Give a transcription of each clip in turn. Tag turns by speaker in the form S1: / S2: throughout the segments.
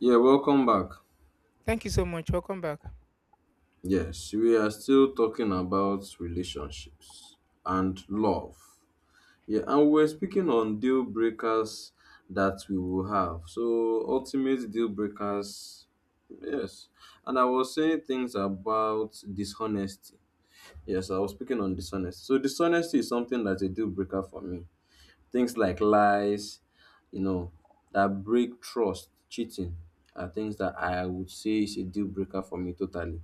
S1: Yeah, welcome back.
S2: Thank you so much. Welcome back.
S1: Yes, we are still talking about relationships and love. Yeah, and we're speaking on deal breakers that we will have. So, ultimate deal breakers, yes. And I was saying things about dishonesty. Yes, I was speaking on dishonesty. So, dishonesty is something that's a deal breaker for me. Things like lies, you know, that break trust, cheating, are things that I would say is a deal breaker for me totally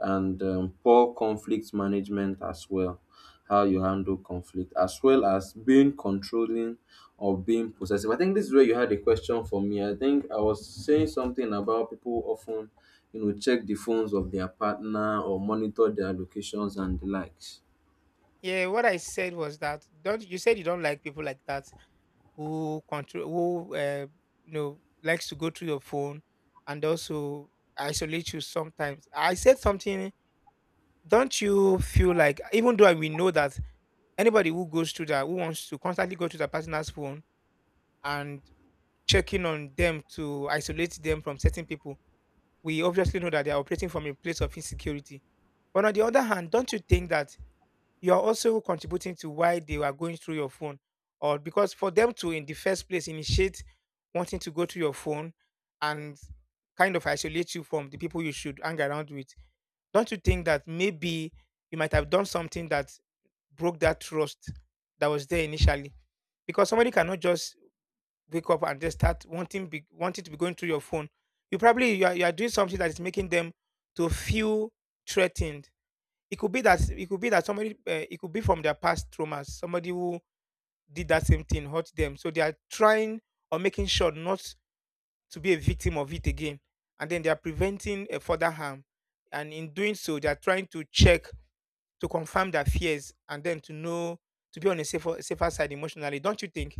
S1: and poor conflict management as well, how you handle conflict, as well as being controlling or being possessive. I think this is where you had a question for me. I think I was saying something about people often check the phones of their partner or monitor their locations and the likes.
S2: Yeah, what I said was that don't you said you don't like people like that who control who you know likes to go through your phone and also isolate you sometimes. I said something. Don't you feel like even though we know that anybody who goes through that who wants to constantly go to the partner's phone and checking on them to isolate them from certain people, we obviously know that they are operating from a place of insecurity. But on the other hand, don't you think that you're also contributing to why they are going through your phone or because for them to in the first place initiate wanting to go through your phone and kind of isolate you from the people you should hang around with, don't you think that maybe you might have done something that broke that trust that was there initially? Because somebody cannot just wake up and just start wanting to be going through your phone. You are doing something that is making them to feel threatened. It could be that somebody, it could be from their past traumas. Somebody who did that same thing hurt them, so they are trying or making sure not to be a victim of it again, and then they are preventing a further harm. And in doing so, they are trying to check to confirm their fears and then to know to be on a safer side emotionally. Don't you think?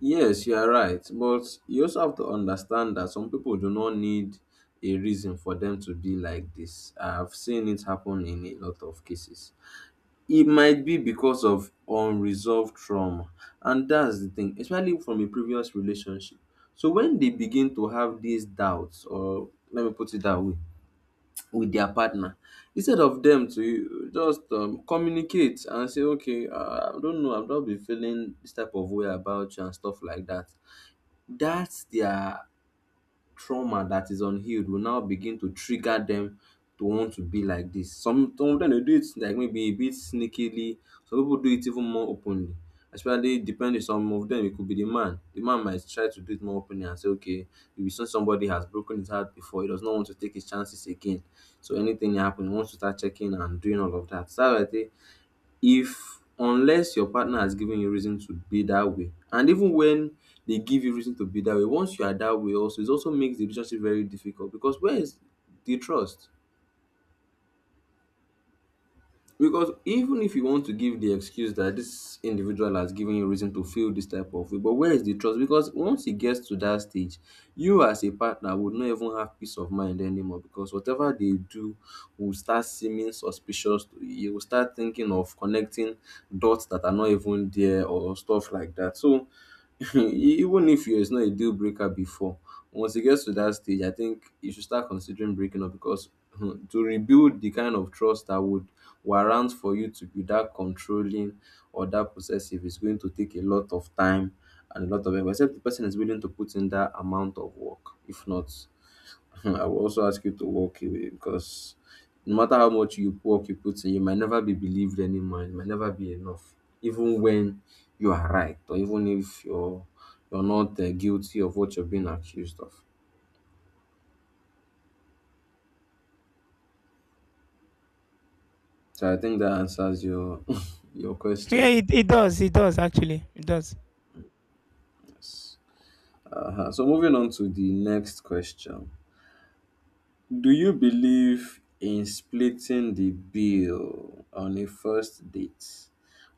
S1: Yes, you are right, but you also have to understand that some people do not need a reason for them to be like this. I've seen it happen in a lot of cases. It might be because of unresolved trauma, and that's the thing, especially from a previous relationship. So when they begin to have these doubts, or let me put it that way, with their partner, instead of them to just communicate and say, okay, I don't know, I've not been feeling this type of way about you and stuff like that. That's their trauma that is unhealed will now begin to trigger them to want to be like this. Some of them they do it like maybe a bit sneakily. Some people do it even more openly. Especially depending some of them, it could be the man. The man might try to do it more openly and say, okay, if you see somebody has broken his heart before, he does not want to take his chances again. So anything happen, he wants to start checking and doing all of that. So I think if unless your partner has given you reason to be that way, and even when they give you reason to be that way, once you are that way also, it also makes the relationship very difficult, because where is the trust? Because even if you want to give the excuse that this individual has given you reason to feel this type of way, but where is the trust? Because once it gets to that stage, you as a partner would not even have peace of mind anymore, because whatever they do will start seeming suspicious to you. You will start thinking of connecting dots that are not even there or stuff like that. So even if it's not a deal breaker before, once it gets to that stage, I think you should start considering breaking up, because to rebuild the kind of trust that would warrant for you to be that controlling or that possessive is going to take a lot of time and a lot of effort. Except the person is willing to put in that amount of work. If not, I will also ask you to walk away, because no matter how much you work you put in, you might never be believed anymore. It might never be enough, even when you are right, or even if you're not guilty of what you're being accused of. So I think that answers your your
S2: Yeah,
S1: question.
S2: it does. It does actually. It does.
S1: Yes. Uh-huh. So moving on to the next question. Do you believe in splitting the bill on a first date,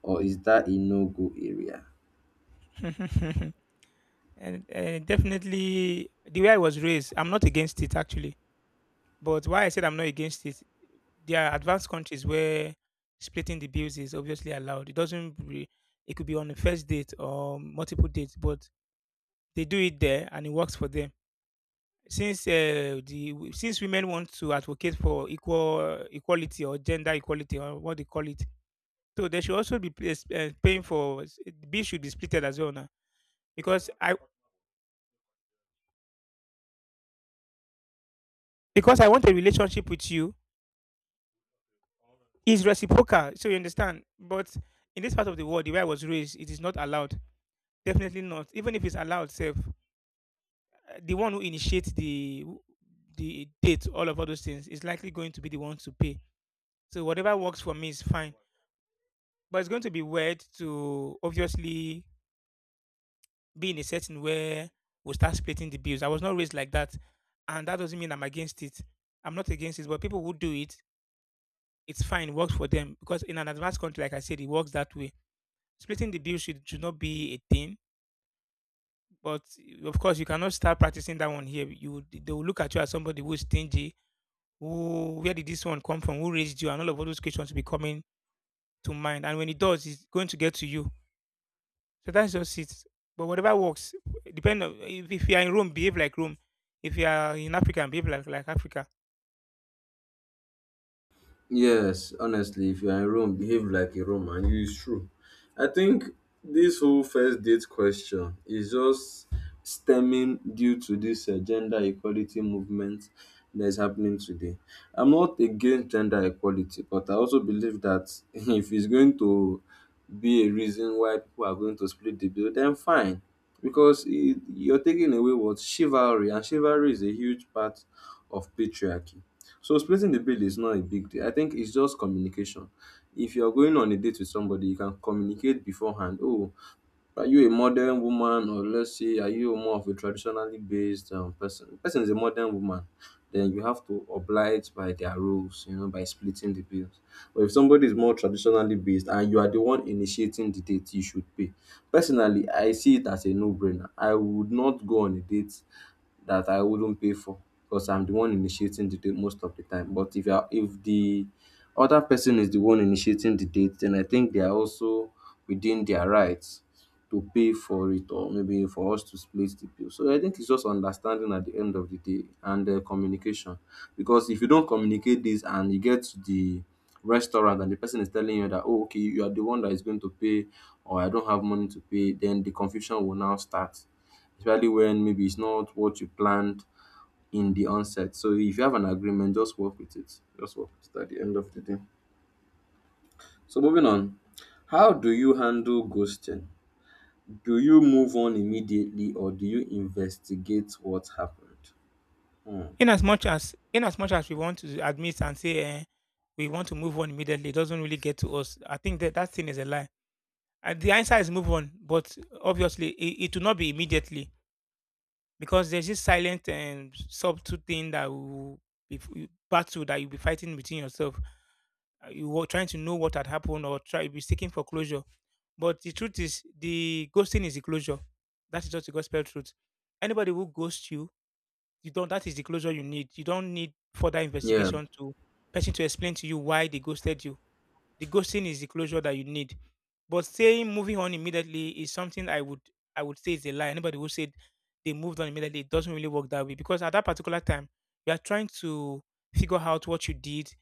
S1: or is that a no go area?
S2: And definitely, the way I was raised, I'm not against it actually. But why I said I'm not against it, there are advanced countries where splitting the bills is obviously allowed. It doesn't. It could be on the first date or multiple dates, but they do it there and it works for them. Since the since women want to advocate for equality or gender equality or what they call it, so they should also be paying for the bill should be split as well now, because I, because I want a relationship with you is reciprocal, so you understand. But in this part of the world, the way I was raised, it is not allowed. Definitely not. Even if it's allowed, self, the one who initiates the date, all of all those things, is likely going to be the one to pay. So whatever works for me is fine. But it's going to be weird to obviously be in a setting where we start splitting the bills. I was not raised like that. And that doesn't mean I'm against it. I'm not against it. But people who do it, it's fine, works for them. Because in an advanced country, like I said, it works that way. Splitting the bill should not be a thing. But eh, of course, you cannot start practicing that one here. They will look at you as somebody who is stingy. Who, where did this one come from? Who raised you? And all of all those questions will be coming to mind. And when it does, it's going to get to you. So that's just it. But whatever works, depend on if you are in Rome, behave like Rome. If you are in Africa, behave like Africa.
S1: Yes, honestly, if you are in Rome, behave like a Roman. It's true. I think this whole first date question is just stemming due to this gender equality movement that is happening today. I'm not against gender equality, but I also believe that if it's going to be a reason why people are going to split the bill, then fine. Because it, you're taking away what chivalry, and chivalry is a huge part of patriarchy. So splitting the bill is not a big deal. I think it's just communication. If you're going on a date with somebody, you can communicate beforehand. Oh, are you a modern woman, or let's say, are you more of a traditionally based person? Person is a modern woman, then you have to oblige by their rules, you know, by splitting the bills. But if somebody is more traditionally based and you are the one initiating the date, you should pay. Personally, I see it as a no-brainer. I would not go on a date that I wouldn't pay for, because I'm the one initiating the date most of the time. But if you are, if the other person is the one initiating the date, then I think they are also within their rights to pay for it, or maybe for us to split the bill. So I think it's just understanding at the end of the day and communication. Because if you don't communicate this and you get to the restaurant and the person is telling you that, oh, okay, you are the one that is going to pay, or I don't have money to pay, then the confusion will now start, especially when maybe it's not what you planned in the onset. So if you have an agreement, just work with it. Just work with it at the end of the day. So moving on, how do you handle ghosting? Do you move on immediately, or do you investigate what happened? Hmm.
S2: In as much as we want to admit and say eh, we want to move on immediately, it doesn't really get to us. I think that that thing is a lie. And the answer is move on, but obviously it will not be immediately, because there's this silent and subtle thing that will be battle that you'll be fighting within yourself, you were trying to know what had happened or try be seeking for closure. But the truth is, the ghosting is the closure. That is just the gospel truth. Anybody who ghosts you, you don't. That is the closure you need. You don't need further
S1: Yeah.
S2: investigation to person to explain to you why they ghosted you. The ghosting is the closure that you need. But saying moving on immediately is something I would say is a lie. Anybody who said they moved on immediately, it doesn't really work that way, because at that particular time you are trying to figure out what you did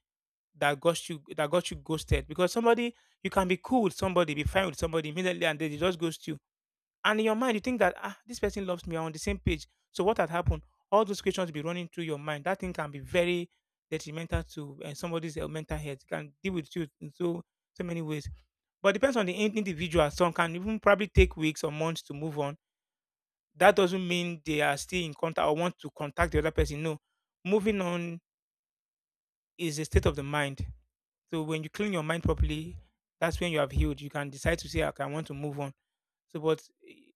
S2: that got you ghosted. Because somebody, you can be cool with somebody, be fine with somebody immediately, and then they just ghost you. And in your mind, you think that ah, this person loves me. I'm on the same page. So what had happened? All those questions will be running through your mind. That thing can be very detrimental to somebody's mental health. It can deal with you in so so many ways. But depends on the individual. Some can even probably take weeks or months to move on. That doesn't mean they are still in contact or want to contact the other person. No, moving on is a state of the mind. So when you clean your mind properly, that's when you have healed. You can decide to say, okay, I want to move on. So, but eh,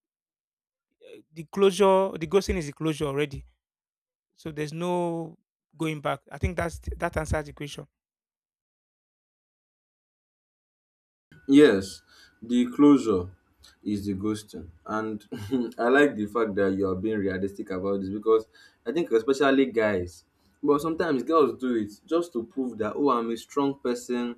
S2: the closure, the ghosting is the closure already. So there's no going back. I think that's that answers the question.
S1: Yes. The closure is the ghosting. And I like the fact that you are being realistic about this, because I think especially guys, but sometimes girls do it just to prove that, oh, I'm a strong person,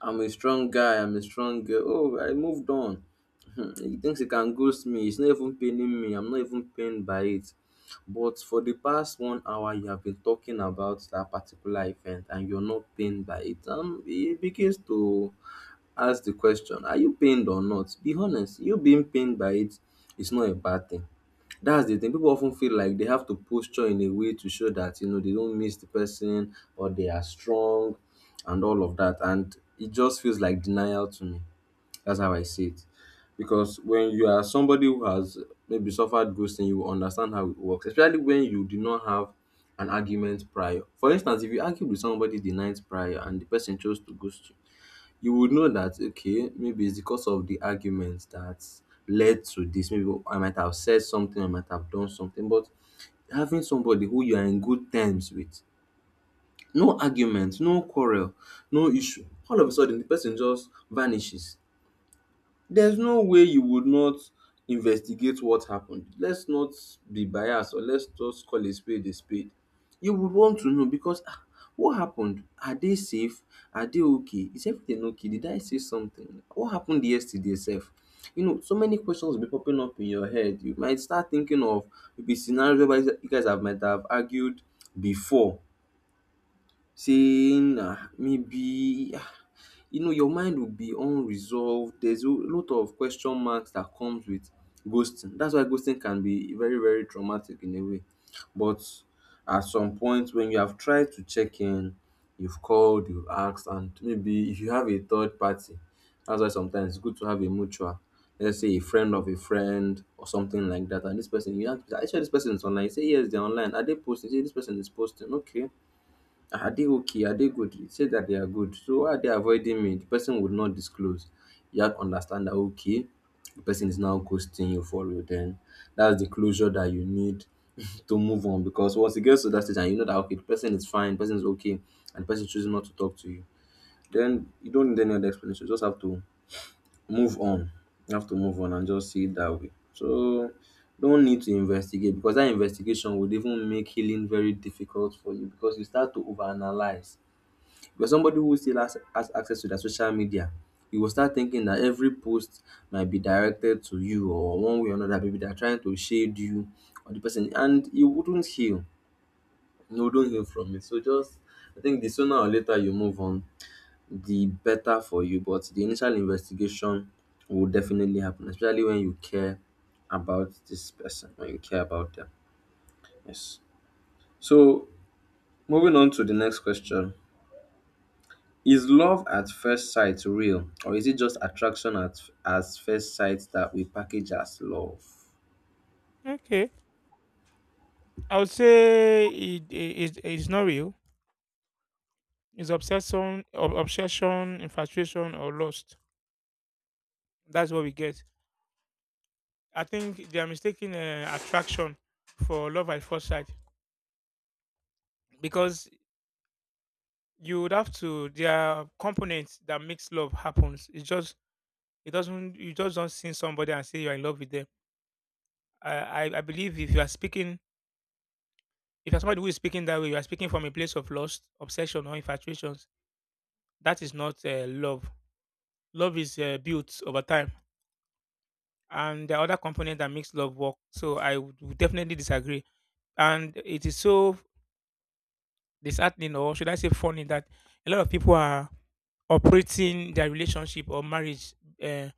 S1: I'm a strong guy. I'm a strong girl. Oh, I moved on. He thinks he can ghost me. It's not even paining me. I'm not even pained by it. But for the past 1 hour, you have been talking about that particular event, and you're not pained by it. He begins to ask the question, are you pained or not? Be honest, you being pained by it is not a bad thing. That's the thing. People often feel like they have to posture in a way to show that, you know, they don't miss the person or they are strong and all of that. And it just feels like denial to me. That's how I see it. Because when you are somebody who has maybe suffered ghosting, you will understand how it works, especially when you do not have an argument prior. For instance, if you argue with somebody the night prior and the person chose to ghost you, you would know that, okay, maybe it's because of the argument that led to this. Maybe I might have said something, I might have done something, but having somebody who you are in good terms with, no argument, no quarrel, no issue, all of a sudden the person just vanishes. There's no way you would not investigate what happened. Let's not be biased, or let's just call a spade a spade. You would want to know, because, ah, what happened? Are they safe? Are they okay? Is everything okay? Did I say something? What happened yesterday sef? You know, so many questions will be popping up in your head. You might start thinking of maybe scenarios whereby you guys have might have argued before, saying maybe you know your mind will be unresolved. There's a lot of question marks that comes with ghosting. That's why ghosting can be very very traumatic in a way. But at some point, when you have tried to check in, you've called, you've asked, and maybe if you have a third party, that's why sometimes it's good to have a mutual, let's say a friend of a friend or something like that, and this person you have, I sure this person is online, you say yes, they're online, are they posting, you say this person is posting, okay, are they okay? Are they good? You said that they are good. So why are they avoiding me? The person would not disclose. You have to understand that, okay, the person is now ghosting you for you. Then that's the closure that you need to move on, because once it gets to that stage and you know that, okay, the person is fine, the person is okay, and the person chooses not to talk to you, then you don't need any other explanation. You just have to move on. You have to move on and just see it that way. So don't need to investigate because that investigation would even make healing very difficult for you because you start to overanalyze for somebody who still has access to their social media, you will start thinking that every post might be directed to you or one way or another, maybe they're trying to shade you or the person, and you wouldn't heal. No, you don't heal from it. So just, I think the sooner or later you move on, the better for you. But the initial investigation will definitely happen, especially when you care about this person, when you care about them. Yes. So moving on to the next question. Is love at first sight real, or is it just attraction at as first sight that we package as love?
S2: Okay, I would say it is it's not real. It's obsession, obsession, infatuation, or lust. That's what we get. I think they are mistaking attraction for love at first sight, because you would have to. There are components that makes love happens. It's just, it doesn't, you just don't see somebody and say you're in love with them. I, I believe if you are speaking, if you're somebody who is speaking that way, you are speaking from a place of lust, obsession or infatuations. That is not love. Love is built over time. And there are other components that makes love work. So I would definitely disagree. And it is so disheartening, or should I say funny, that a lot of people are operating their relationship or marriage, uh,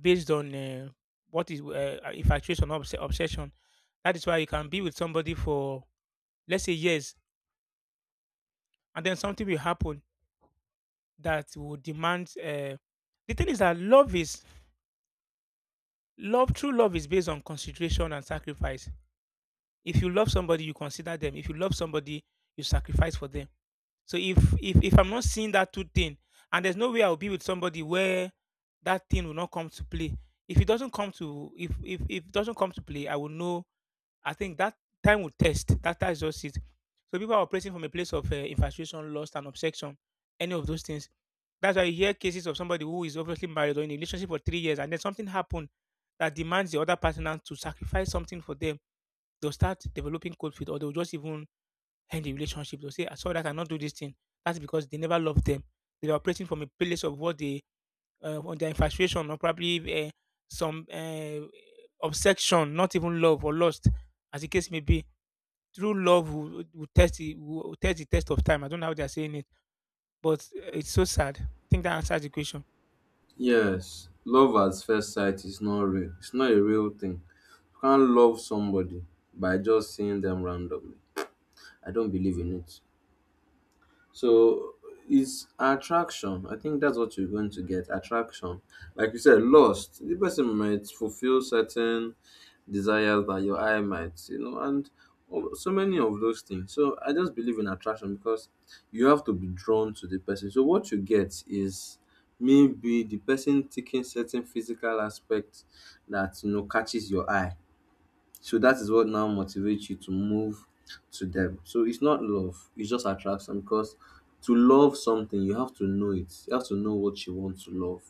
S2: based on what is infatuation or obsession. That is why you can be with somebody for, let's say, years, and then something will happen that will demand. The thing is that love is love. True love is based on consideration and sacrifice. If you love somebody, you consider them. If you love somebody, you sacrifice for them. So if I'm not seeing that two thing, and there's no way I'll be with somebody where that thing will not come to play. If it doesn't come to if it doesn't come to play, I will know. I think that time will test. That that is just it. So people are operating from a place of infatuation, lust, and obsession. Any of those things. That's why you hear cases of somebody who is obviously married or in a relationship for 3 years, and then something happened that demands the other partner to sacrifice something for them. They'll start developing cold feet, or they'll just even end the relationship. They'll say, "I saw that I cannot do this thing." That's because they never loved them. They were operating from a place of what they, on their infatuation, or probably some obsession, not even love or lust, as the case may be. True love will test the will test the test of time. I don't know how they are saying it, but it's so sad. I think that answers the question.
S1: Yes, love at first sight is not real. It's not a real thing. You can't love somebody by just seeing them randomly. I don't believe in it. So is attraction. I think that's what you're going to get. Attraction. Like you said, lust. The person might fulfill certain desires that your eye might, you know, and so many of those things. So I just believe in attraction because you have to be drawn to the person. So what you get is maybe the person taking certain physical aspect that you know catches your eye, so that is what now motivates you to move to them. So it's not love, it's just attraction because to love something, you have to know it. You have to know what you want to love.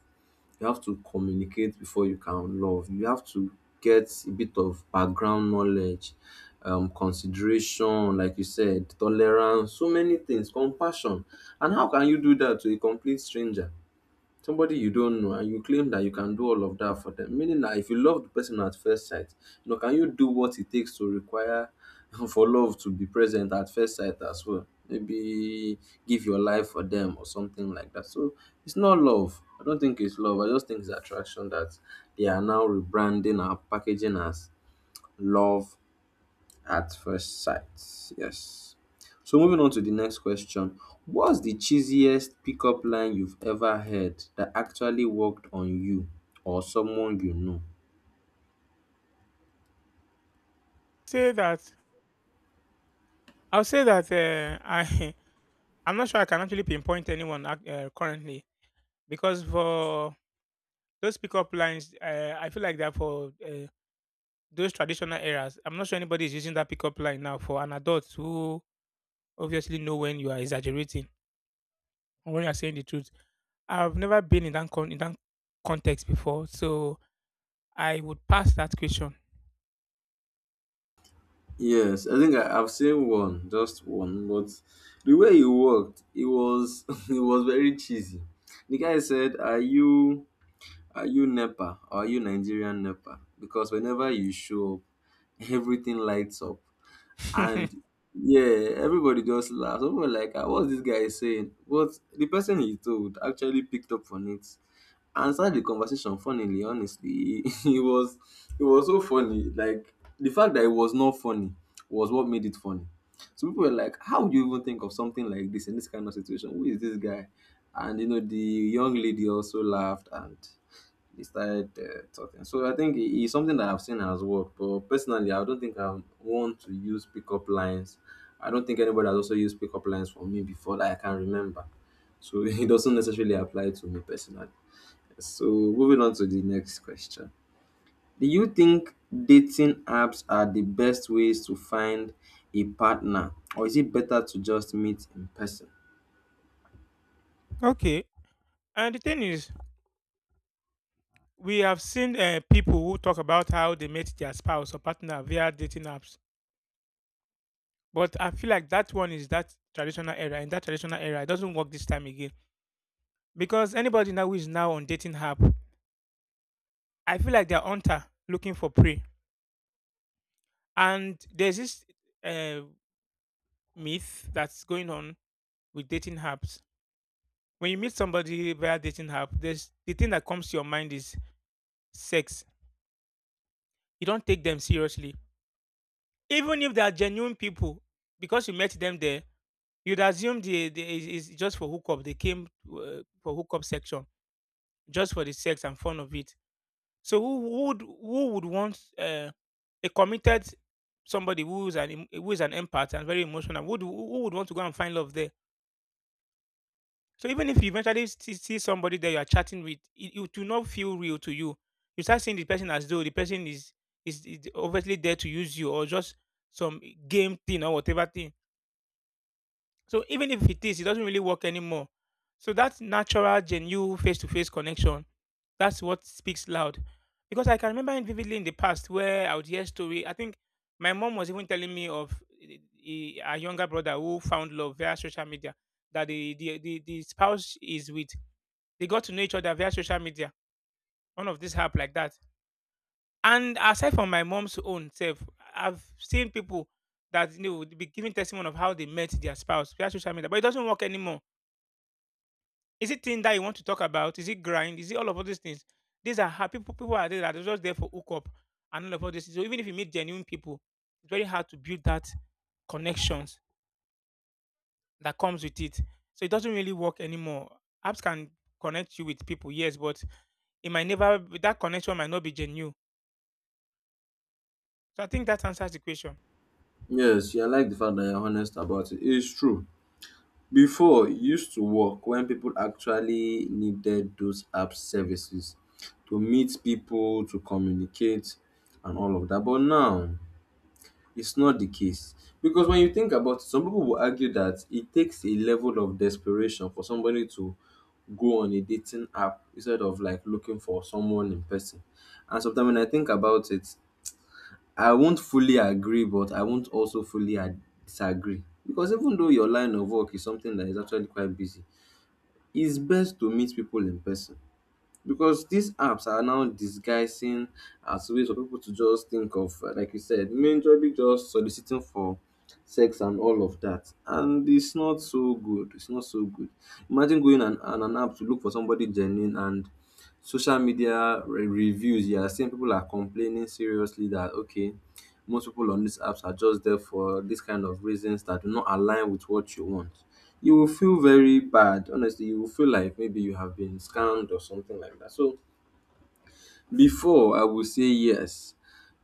S1: You have to communicate before you can love. You have to get a bit of background knowledge, consideration, like you said, tolerance, so many things, compassion. And how can you do that to a complete stranger? Somebody you don't know and you claim that you can do all of that for them, meaning that if you love the person at first sight, you know, can you do what it takes to require for love to be present at first sight as well? Maybe give your life for them or something like that. So it's not love, I don't think it's love, I just think it's attraction that they are now rebranding and packaging as love at first sight, yes. So moving on to the next question. What's the cheesiest pickup line you've ever heard that actually worked on you or someone you know?
S2: Say that, I'll say that I, I'm not sure I can actually pinpoint anyone currently, because for those pickup lines, I feel like they're for those traditional eras. I'm not sure anybody is using that pickup line now for an adult who obviously know when you are exaggerating or when you are saying the truth. I've never been in that context before, so I would pass that question.
S1: Yes, I think I've seen one, just one, but the way he worked, it was it was very cheesy. The guy said, "Are you, are you NEPA? Are you Nigerian NEPA? Because whenever you show up, everything lights up." And yeah, everybody just laughed. Everybody like, "Ah, what's this guy saying?" But the person he told actually picked up on it and start the conversation funnily, honestly. It was, it was so funny, like the fact that it was not funny was what made it funny. So people were like, how would you even think of something like this in this kind of situation? Who is this guy? And you know, the young lady also laughed and they started talking. So I think it's something that I've seen has worked, but personally I don't think I want to use pickup lines. I don't think anybody has also used pickup lines for me before that I can remember. So it doesn't necessarily apply to me personally. So moving on to the next question. Do you think dating apps are the best ways to find a partner, or is it better to just meet in person?
S2: Okay. And the thing is, we have seen people who talk about how they met their spouse or partner via dating apps. But I feel like that one is that traditional era. In that traditional era, it doesn't work this time again. Because anybody now who is now on dating app, I feel like they're hunter looking for prey. And there's this uh, myth that's going on with dating apps. When you meet somebody via dating app, there's the thing that comes to your mind is sex. You don't take them seriously. Even if they are genuine people, because you met them there, you'd assume they is just for hookup. They came for hookup section just for the sex and fun of it. So who would want a committed somebody who's who is an empath and very emotional? Would who would want to go and find love there? So even if you eventually see somebody that you are chatting with, it will not feel real to you. You start seeing the person as though the person is is obviously there to use you or just some game thing or whatever thing. So even if it is, it doesn't really work anymore. So that natural, genuine face-to-face connection, that's what speaks loud. Because I can remember it vividly in the past where I would hear story. I think my mom was even telling me of eh, her younger brother who found love via social media. That the spouse is with, they got to know each other via social media. One of these app like that. And aside from my mom's own self, I've seen people that you know would be giving testimony of how they met their spouse via social media, but it doesn't work anymore. Is it thing that you want to talk about? Is it grind? Is it all of all these things? These are how people are there that are just there for hookup and all of all these things. So even if you meet genuine people, it's very hard to build that connections that comes with it. So it doesn't really work anymore. Apps can connect you with people, yes, but it might never that connection might not be genuine. So I think that answers the question.
S1: Yes, yeah, I like the fact that you're honest about it. It's true. Before, it used to work when people actually needed those app services to meet people, to communicate, and all of that. But now, it's not the case. Because when you think about it, some people will argue that it takes a level of desperation for somebody to go on a dating app instead of like looking for someone in person. And sometimes when I think about it, I won't fully agree, but I won't also fully disagree. Because even though your line of work is something that is actually quite busy, it's best to meet people in person because these apps are now disguising as ways for people to just think of, like you said, majorly just soliciting for sex and all of that. And it's not so good. It's not so good. Imagine going on an app to look for somebody genuine, and social media reviews. You are seeing people are complaining seriously that, okay, most people on these apps are just there for this kind of reasons that do not align with what you want. You will feel very bad. Honestly, you will feel like maybe you have been scammed or something like that. So before I would say yes.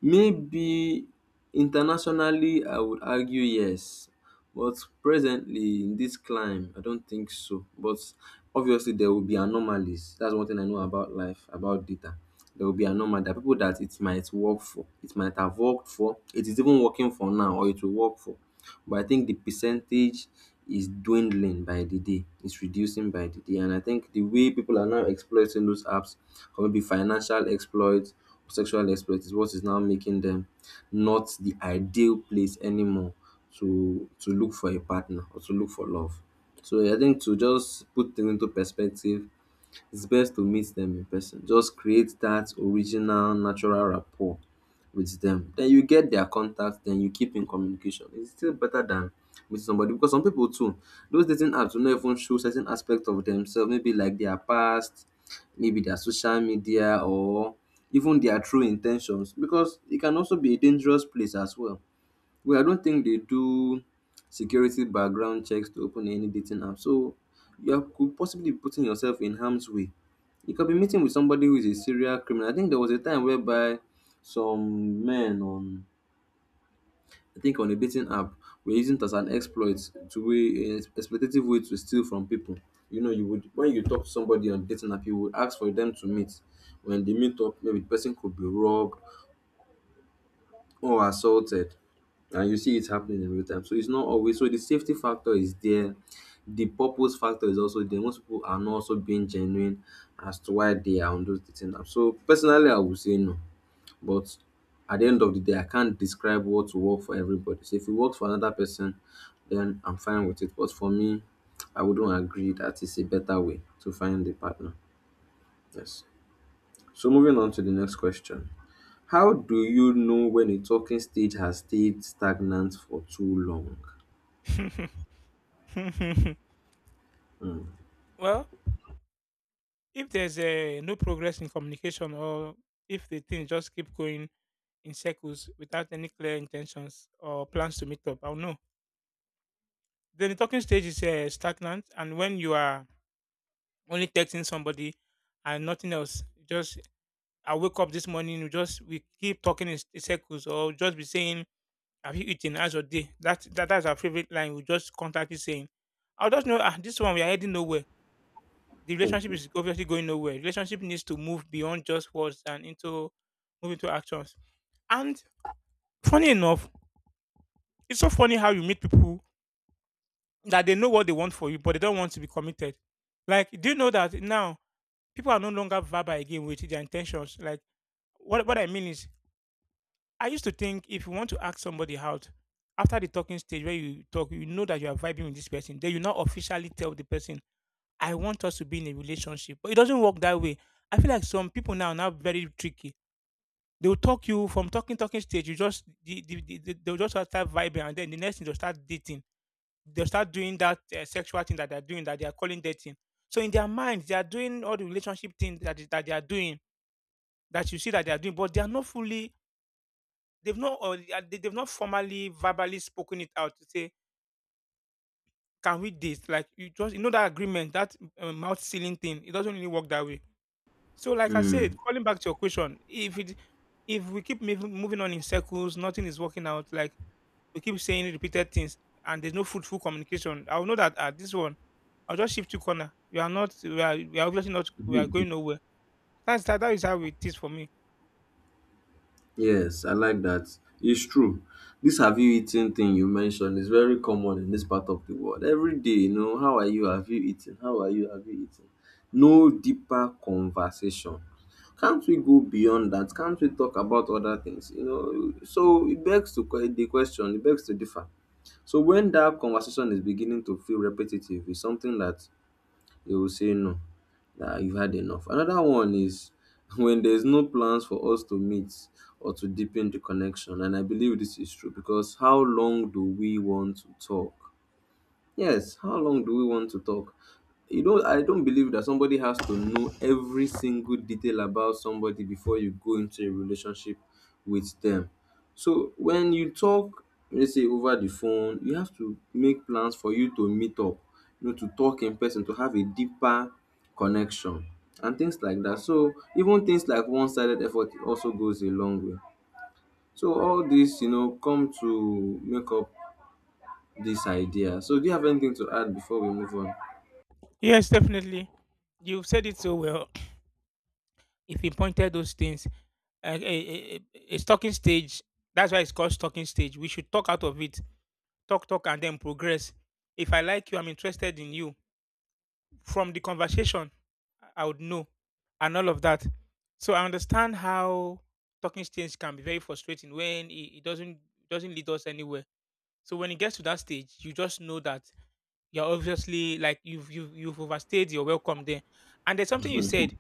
S1: Maybe internationally I would argue yes. But presently in this climb, I don't think so. But obviously there will be anomalies. That's one thing I know about life, about data. There will be anomaly. There are people that it might work for, it might have worked for, it is even working for now, or it will work for, but I think the percentage is dwindling by the day. It's reducing by the day, and I think the way people are now exploiting those apps, or maybe financial exploits, sexual exploits, is what is now making them not the ideal place anymore to look for a partner or to look for love. So I think to just put things into perspective, it's best to meet them in person. Just create that original natural rapport with them. Then you get their contact, then you keep in communication. It's still better than meeting somebody, because some people too, those dating apps will not even show certain aspect of themselves, maybe like their past, maybe their social media or even their true intentions, because it can also be a dangerous place as well. Well, I don't think they do security background checks to open any dating app. So could possibly be putting yourself in harm's way. You could be meeting with somebody who is a serial criminal. I think there was a time whereby some men on, I think on a dating app, were using it as an exploit to exploitative way to steal from people. You know, you would, when you talk to somebody on dating app, you would ask for them to meet. When they meet up, maybe the person could be robbed or assaulted, and you see it happening in real time. So it's not always so. The safety factor is there, the purpose factor is also there. Most people are not also being genuine as to why they are on those dating apps. So personally I would say no. But at the end of the day, I can't describe what will work for everybody. So if it works for another person, then I'm fine with it, but for me, I wouldn't agree that it's a better way to find a partner. Yes. So moving on to the next question. How do you know when a talking stage has stayed stagnant for too long?
S2: Well, if there's no progress in communication or if the thing just keep going in circles without any clear intentions or plans to meet up. I'll know. Then the talking stage is stagnant, and when you are only texting somebody and nothing else, just I wake up this morning, we just we keep talking in circles, or just be saying, "Have you eaten? How's your day?" That's our favorite line. We just constantly saying, "I'll just know ah, this one we are heading nowhere. The relationship is obviously going nowhere. Relationship needs to move beyond just words and into move into actions." And funny enough, it's so funny how you meet people that they know what they want for you, but they don't want to be committed. Like, do you know that now people are no longer verbal again with their intentions? Like, what I mean is, I used to think if you want to ask somebody out after the talking stage where you talk, you know that you are vibing with this person, then you now officially tell the person, "I want us to be in a relationship," but it doesn't work that way. I feel like some people now are now very tricky. They will talk you from talking stage. You just they'll just start vibing, and then the next thing they'll start dating. They'll start doing that sexual thing that they're doing that they are calling dating. So in their minds, they are doing all the relationship things that they are doing that you see that they are doing, but they are not fully. They've not or they are- they- they've not formally verbally spoken it out to say, "Can we date?" Like you just you know that agreement, that mouth sealing thing. It doesn't really work that way. So like I
S1: Hmm,
S2: said, falling back to your question, if it if we keep moving on in circles, nothing is working out. Like we keep saying repeated things and there's no fruitful communication, I'll know that at this one, I'll just shift to corner. We are obviously not, we are going nowhere. That is how it is for me.
S1: yes, I like that. It's true. This "have you eaten" thing you mentioned is very common in this part of the world. Every day, you know, how are you? Have you eaten? How are you? Have you eaten? No deeper conversation. Can't we go beyond that? Can't we talk about other things? You know, so it begs to the question, it begs to differ. So when that conversation is beginning to feel repetitive, it's something that they will say no, that you've had enough. Another one is when there's no plans for us to meet or to deepen the connection. And I believe this is true, because how long do we want to talk? Yes, how long do we want to talk? You know, I don't believe that somebody has to know every single detail about somebody before you go into a relationship with them. So when you talk, let's say over the phone, you have to make plans for you to meet up, you know, to talk in person, to have a deeper connection and things like that. So even things like one-sided effort also goes a long way. So all this, you know, come to make up this idea. So, do you have anything to add before we move on?
S2: Yes, definitely. You've said it so well. If you pointed those things, a talking stage, that's why it's called talking stage. We should talk out of it, talk, and then progress. If I like you, I'm interested in you from the conversation, I would know and all of that. So I understand how talking stage can be very frustrating when it doesn't lead us anywhere. So when it gets to that stage, you just know that you're obviously like you've overstayed your welcome there. And there's something you said.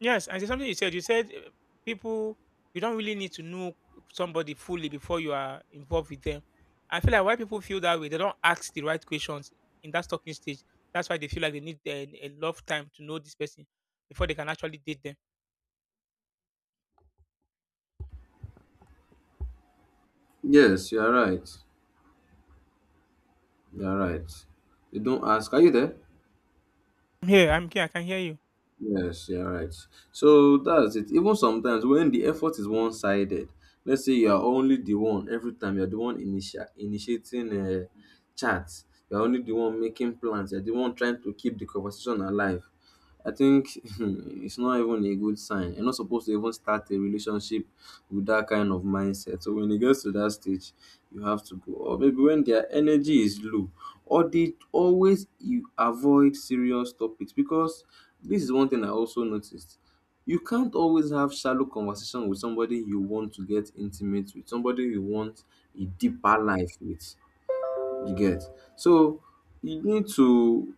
S2: Yes, and there's something you said. You said people, you don't really need to know somebody fully before you are involved with them. I feel like why people feel that way, they don't ask the right questions in that talking stage. That's why they feel like they need a lot of time to know this person before they can actually date them.
S1: Yes, you are right. You are right. They don't ask, are you there?
S2: I'm here, I can hear you.
S1: Yes, you are right. So that's it. Even sometimes when the effort is one sided, let's say you are only the one every time, you're the one initiating chats, you're only the one making plans, you're the one trying to keep the conversation alive. I think it's not even a good sign. You're not supposed to even start a relationship with that kind of mindset. So when it gets to that stage, you have to go. Or maybe when their energy is low, or they always, you avoid serious topics, because this is one thing I also noticed. You can't always have shallow conversation with somebody you want to get intimate with, somebody you want a deeper life with. You get, so you need to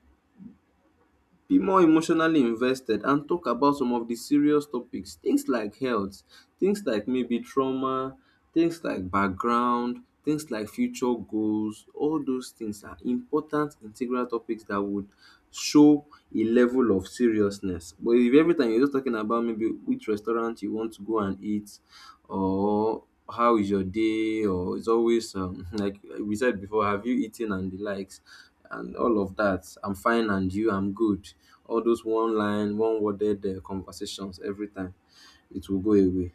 S1: be more emotionally invested and talk about some of the serious topics. Things like health, things like maybe trauma, things like background, things like future goals. All those things are important, integral topics that would show a level of seriousness. But if every time you're just talking about maybe which restaurant you want to go and eat, or how is your day, or it's always like we said before, have you eaten and the likes and all of that. "I'm fine, and you?" "I'm good." All those one line, one worded conversations every time, it will go away.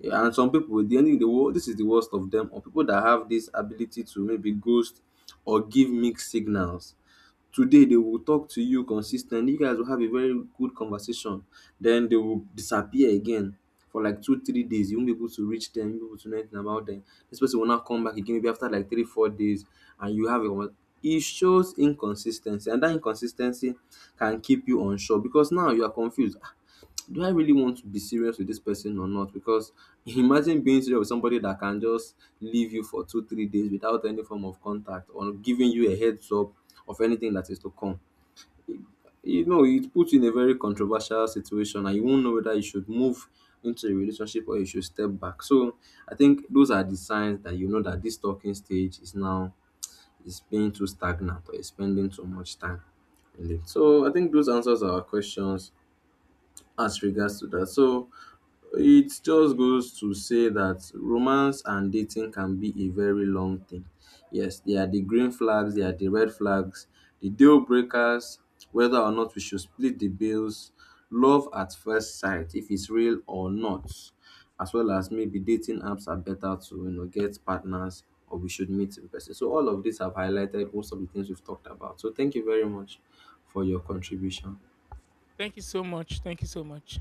S1: Yeah, and some people, the only the world, this is the worst of them, or people that have this ability to maybe ghost or give mixed signals. Today they will talk to you consistently. You guys will have a very good conversation. Then they will disappear again for like 2 3 days. You won't be able to reach them, you won't be able to know anything about them. This person will not come back again maybe after like 3 4 days and you have a conver It shows inconsis and that inconsistency can keep you unsure because now you are confused. Ah, do I really want to be serious with this person or not? Because imagine being serious with somebody that can just leave you for two, 3 days without any form of contact or giving you a heads up of anything that is to come. You know, it puts you in a very controversial situation and you won't know whether you should move into a relationship or you should step back. So I think those are the signs that you know that this talking stage is now is being too stagnant or is spending too much time in it. So I think those answers our questions as regards to that. So it just goes to say that romance and dating can be a very long thing. Yes, there are the green flags, there are the red flags, the deal breakers, whether or not we should split the bills, love at first sight, if it's real or not, as well as maybe dating apps are better to, you know, get partners or we should meet in person. So all of these have highlighted most of the things we've talked about. So thank you very much for your contribution.
S2: Thank you so much. Thank you so much.